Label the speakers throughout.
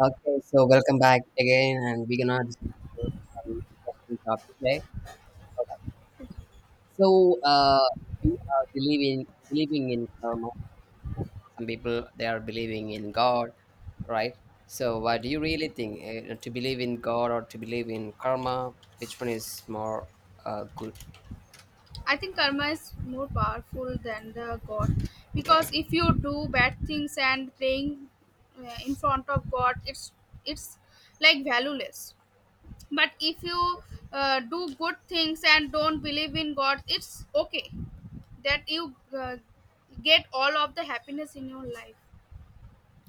Speaker 1: Okay, so welcome back again, and we're gonna discuss about some interesting topic today. Alright. So, uh, we are believing in karma. Some people they are believing in God, right? So, what do you really think? To believe in God or to believe in karma? Which one is more good?
Speaker 2: I think karma is more powerful than the god, because
Speaker 1: Okay,
Speaker 2: if you do bad things and praying in front of God, it's it's like valueless. But if you do good things and don't believe in God, it's okay that you get all of the happiness in your life.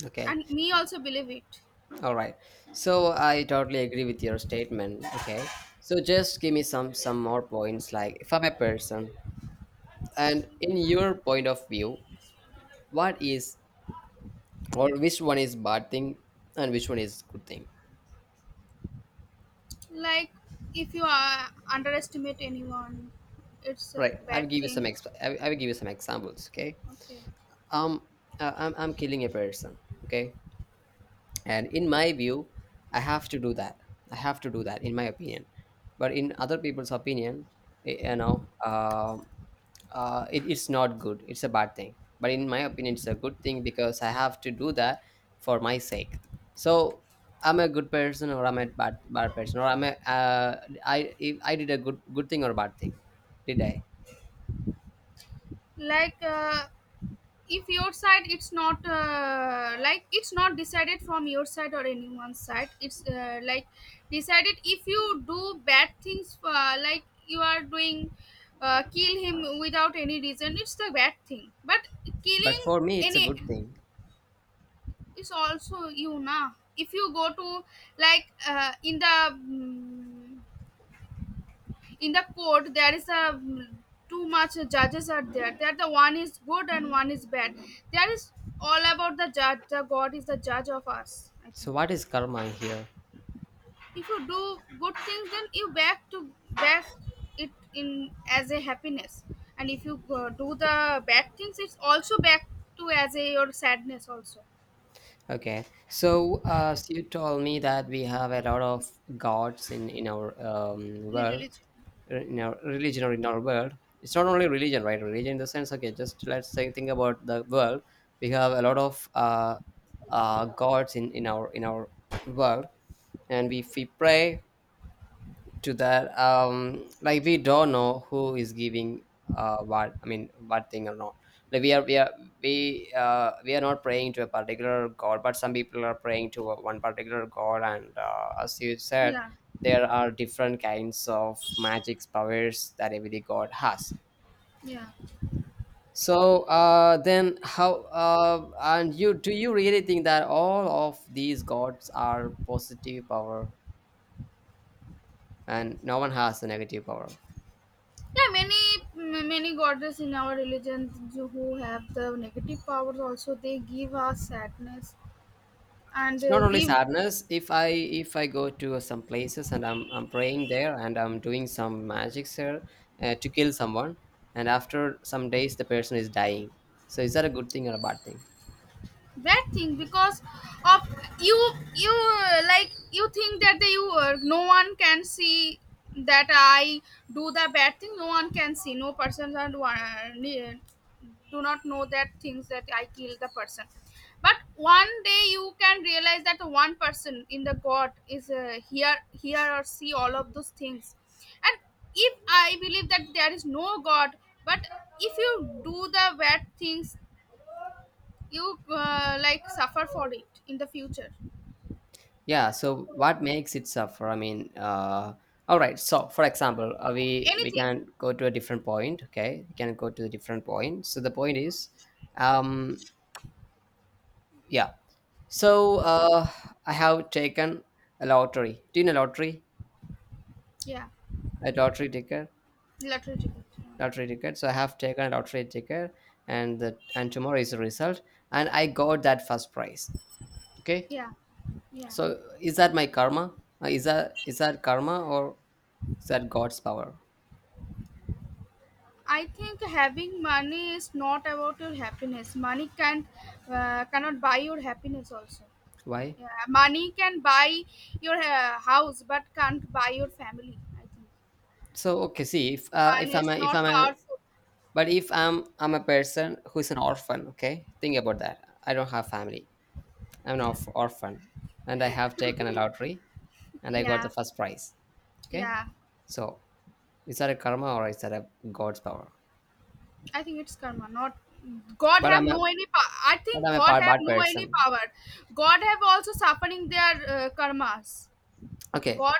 Speaker 1: okay,
Speaker 2: And me also believe it.
Speaker 1: all right. So, I totally agree with your statement. Okay, so just give me some more points. Like, if I'm a person, and in your point of view what is or which one is bad thing and which one is good thing?
Speaker 2: Like if you underestimate anyone, it's a
Speaker 1: Right,
Speaker 2: bad thing.
Speaker 1: I will give you some examples, okay.
Speaker 2: Okay,
Speaker 1: um I'm killing a person, okay, and in my view I have to do that, I have to do that in my opinion, but in other people's opinion, y- you know uh, it's not good, it's a bad thing, but in my opinion it's a good thing because I have to do that for my sake. So I'm a good person or I'm a bad person, or I'm a I if I did a good thing or bad thing, did i?
Speaker 2: like if your side it's not like it's not decided from your side or anyone's side, it's like decided if you do bad things, like you are doing kill him without any reason, it's the bad thing. But
Speaker 1: But
Speaker 2: killing
Speaker 1: for me it's a
Speaker 2: any
Speaker 1: good thing.
Speaker 2: is also, you na, if you go to, like, in the in the court, there is a too much judges are there, that the one is good and one is bad. There is all about the judge. The god is the judge of us, I think.
Speaker 1: So what is karma here?
Speaker 2: If you do good things, then you back to back it in as a happiness. And if you do the bad things, it's also back to as a your sadness also.
Speaker 1: Okay, so as you told me that we have a lot of gods in our
Speaker 2: It
Speaker 1: world,
Speaker 2: really-
Speaker 1: in our religion or in our world. It's not only religion, right? Religion in the sense, okay, just let's say, think about the world. We have a lot of gods in our in our world, and we pray to that, um, like we don't know who is giving what I mean what thing or not, like we are, we are not praying to a particular god, but some people are praying to one particular god. And as you said,
Speaker 2: yeah,
Speaker 1: there are different kinds of magic powers that every god has.
Speaker 2: yeah.
Speaker 1: So then how and you, do you really think that all of these gods are positive power and no one has a negative power?
Speaker 2: Yeah, many goddess in our religion who have the negative powers also, they give us sadness and
Speaker 1: It's not only
Speaker 2: give
Speaker 1: sadness. If i, if I go to some places and I'm praying there and I'm doing some magics there to kill someone, and after some days the person is dying, so is that a good thing or a bad thing?
Speaker 2: bad thing, because of you like you think that you, no one can see that I do the bad thing, no one can see, no person are, do not know that things that I kill the person. But one day you can realize that one person in the god is here or see all of those things. And if I believe that there is no god. But if you do the bad things, you like suffer for it in the future.
Speaker 1: Yeah, so what makes it suffer? All right, so for example, we
Speaker 2: Anything.
Speaker 1: can go to a different point, okay, we can go to a different point. So the point is, um yeah. So I have taken a lottery. Do you know lottery?
Speaker 2: Yeah.
Speaker 1: A lottery ticket.
Speaker 2: Lottery ticket.
Speaker 1: Lottery ticket. So I have taken a lottery ticket, and the and tomorrow is the result, and I got that first prize. Okay,
Speaker 2: Yeah, yeah.
Speaker 1: so is that my karma? Is that, is that karma or is that God's power?
Speaker 2: I think having money is not about your happiness. Money can, cannot buy your happiness also.
Speaker 1: Why?
Speaker 2: Yeah, money can buy your house, but can't buy your family, I think.
Speaker 1: So okay, see if
Speaker 2: Money is
Speaker 1: if
Speaker 2: not
Speaker 1: I'm a,
Speaker 2: powerful.
Speaker 1: but if I'm a person who is an orphan. Okay, think about that. I don't have family.
Speaker 2: Yeah,
Speaker 1: Orphan, and I have taken a lottery, and I got
Speaker 2: yeah,
Speaker 1: the first prize. Okay,
Speaker 2: yeah.
Speaker 1: so is that a karma or is that a God's power?
Speaker 2: I think it's karma, not God
Speaker 1: But
Speaker 2: have
Speaker 1: I'm a
Speaker 2: no any power. I
Speaker 1: but
Speaker 2: think God have
Speaker 1: bad
Speaker 2: no any
Speaker 1: person.
Speaker 2: power. God have also suffering their karmas.
Speaker 1: Okay,
Speaker 2: God,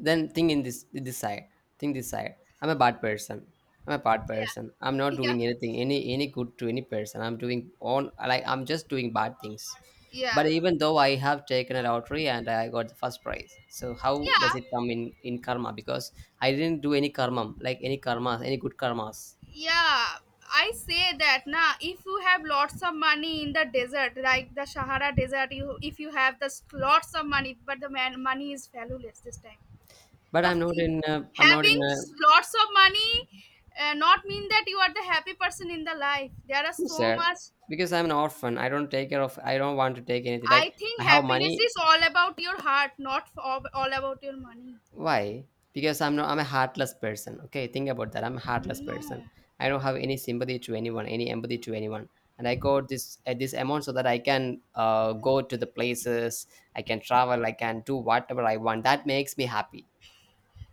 Speaker 1: then think in this side. Think this side. I'm a bad person. I'm a bad
Speaker 2: yeah,
Speaker 1: person. I'm not
Speaker 2: yeah,
Speaker 1: doing anything, any good to any person. I'm doing on, like I'm just doing bad things.
Speaker 2: yeah,
Speaker 1: But even though I have taken a lottery and I got the first prize, so how
Speaker 2: yeah,
Speaker 1: does it come in karma? Because I didn't do any karma, like any karmas, any good karmas.
Speaker 2: yeah. I say that, na. If you have lots of money in the desert, like the Sahara desert, you if you have the lots of money, but the man, money is valueless this time.
Speaker 1: But
Speaker 2: The
Speaker 1: I'm
Speaker 2: f-
Speaker 1: not in. A,
Speaker 2: if-
Speaker 1: I'm not in.
Speaker 2: Having
Speaker 1: A,
Speaker 2: lots of money, not mean that you are the happy person in the life. There are
Speaker 1: who
Speaker 2: so
Speaker 1: said?
Speaker 2: much.
Speaker 1: Because I'm an orphan. I don't take care of. I don't want to take anything. Like,
Speaker 2: I
Speaker 1: I
Speaker 2: think
Speaker 1: have
Speaker 2: happiness
Speaker 1: money.
Speaker 2: is all about your heart, not all about your money.
Speaker 1: Why? Because I'm not I'm a heartless person. Okay, think about that. I'm a heartless person.
Speaker 2: No,
Speaker 1: I don't have any sympathy to anyone, any empathy to anyone. And I got this at this amount so that I can go to the places, I can travel, I can do whatever I want. That makes me happy.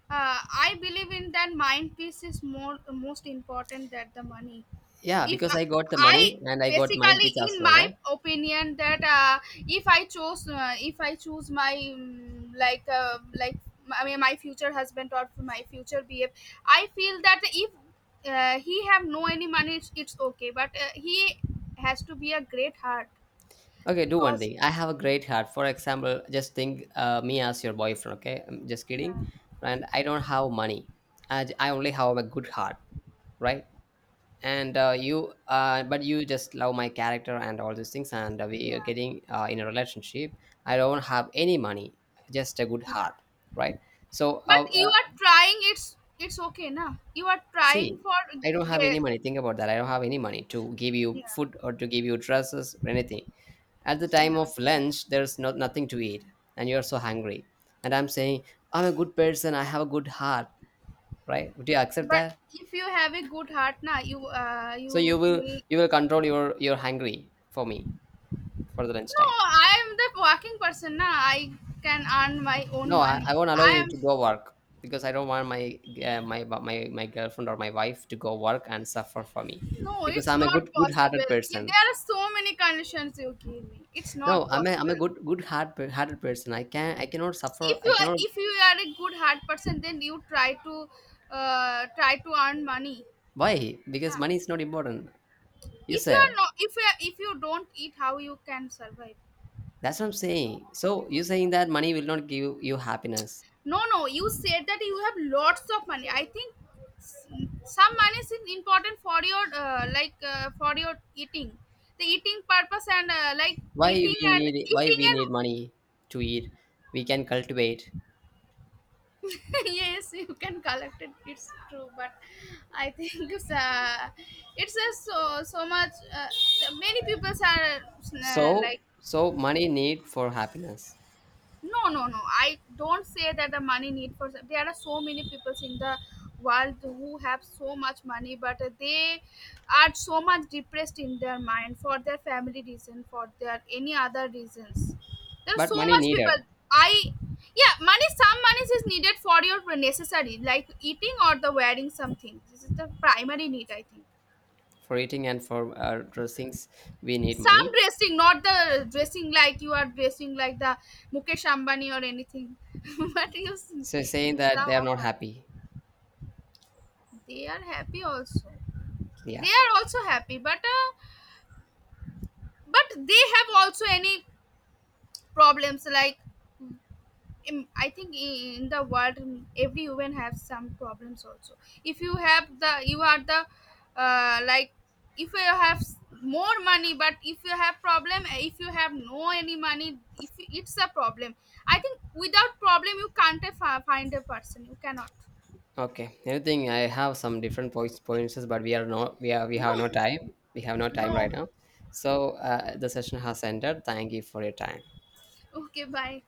Speaker 2: uh, I believe in that mind peace is more most important than the money.
Speaker 1: Yeah,
Speaker 2: If
Speaker 1: because
Speaker 2: I,
Speaker 1: I got the
Speaker 2: I
Speaker 1: money and I got the mind
Speaker 2: basically,
Speaker 1: peace as
Speaker 2: in
Speaker 1: well,
Speaker 2: my
Speaker 1: right?
Speaker 2: opinion, that if I choose my like I mean my future husband or my future BF, I feel that if he have no any money, it's okay. But he has to be a great heart,
Speaker 1: Okay, do one
Speaker 2: because
Speaker 1: thing. I have a great heart. For example, just think me as your boyfriend. Okay, I'm just
Speaker 2: yeah,
Speaker 1: kidding. And I don't have money. I only have a good heart, right? And you but you just love my character and all these things, and we are
Speaker 2: yeah,
Speaker 1: getting in a relationship. I don't have any money, just a good
Speaker 2: yeah.
Speaker 1: heart, right? So
Speaker 2: But you are trying. It's okay, na. You are
Speaker 1: see,
Speaker 2: trying for
Speaker 1: I don't have any
Speaker 2: ge-
Speaker 1: money. Think about that, I don't have any money to give you
Speaker 2: yeah,
Speaker 1: food or to give you dresses or anything. At the time
Speaker 2: yeah.
Speaker 1: of lunch there's nothing to eat, and you're so hungry, and I'm saying I'm a good person, I have a good heart, right? Would you accept
Speaker 2: But
Speaker 1: that?
Speaker 2: if you have a good heart, na, you uh,
Speaker 1: So you
Speaker 2: you
Speaker 1: will,
Speaker 2: will.
Speaker 1: you will control your hungry for me, for the lunch
Speaker 2: No,
Speaker 1: time.
Speaker 2: I am the working person, na. I can earn my own
Speaker 1: No, I
Speaker 2: money.
Speaker 1: won't allow
Speaker 2: I
Speaker 1: you
Speaker 2: am.
Speaker 1: to go work because I don't want my my girlfriend or my wife to go work and suffer for me,
Speaker 2: No,
Speaker 1: because
Speaker 2: it's
Speaker 1: I'm a
Speaker 2: not
Speaker 1: good hearted
Speaker 2: possible. Yeah,
Speaker 1: person.
Speaker 2: there are so many conditions you give me. It's
Speaker 1: No,
Speaker 2: not
Speaker 1: I'm
Speaker 2: possible.
Speaker 1: a good hearted person. I can, I cannot suffer.
Speaker 2: If you
Speaker 1: I
Speaker 2: are,
Speaker 1: cannot.
Speaker 2: if you are a good heart person, then you try to, try to earn money.
Speaker 1: Why?
Speaker 2: No.
Speaker 1: Because money is not important. You
Speaker 2: if you are
Speaker 1: said,
Speaker 2: not if you are, If you don't eat, how you can survive?
Speaker 1: that's what I'm saying. So you're saying that money will not give you happiness.
Speaker 2: No, no, you said that you have lots of money. I think s- some money is important for your, like, for your eating, the eating purpose, and like
Speaker 1: Why we
Speaker 2: eating and
Speaker 1: need, why
Speaker 2: eating
Speaker 1: we
Speaker 2: and
Speaker 1: need money to eat? We can cultivate.
Speaker 2: yes, you can collect it, it's true. But I think it's uh, it's so so much, many people are,
Speaker 1: So
Speaker 2: like,
Speaker 1: so money need for happiness,
Speaker 2: no, no, no, I don't say that the money need for, there are so many peoples in the world who have so much money, but they are so much depressed in their mind, for their family reason, for their any other reasons. There are
Speaker 1: but
Speaker 2: so
Speaker 1: money
Speaker 2: much
Speaker 1: needed.
Speaker 2: people. I. Yeah, money some money is needed for your necessary, like eating or the wearing something. This is the primary need, I think.
Speaker 1: For eating and for our dressings we need
Speaker 2: Some
Speaker 1: money.
Speaker 2: dressing, not the dressing like you are dressing like the Mukesh Ambani or anything. But you see,
Speaker 1: So saying that they
Speaker 2: some
Speaker 1: are
Speaker 2: of
Speaker 1: not
Speaker 2: them,
Speaker 1: happy?
Speaker 2: they are happy also, they
Speaker 1: Yeah,
Speaker 2: are also happy, but they have also any problems, like I think in the world, every woman has some problems also. If you have the You are the, like if you have more money, but if you have problem, if you have no any money, if you- it's a problem. I think without problem you can't find a person, you cannot.
Speaker 1: okay, anything. I have some different points, but we are not, we
Speaker 2: No,
Speaker 1: have no time, we have no time right
Speaker 2: no.
Speaker 1: now. So the session has ended. Thank you for your time.
Speaker 2: Okay, bye.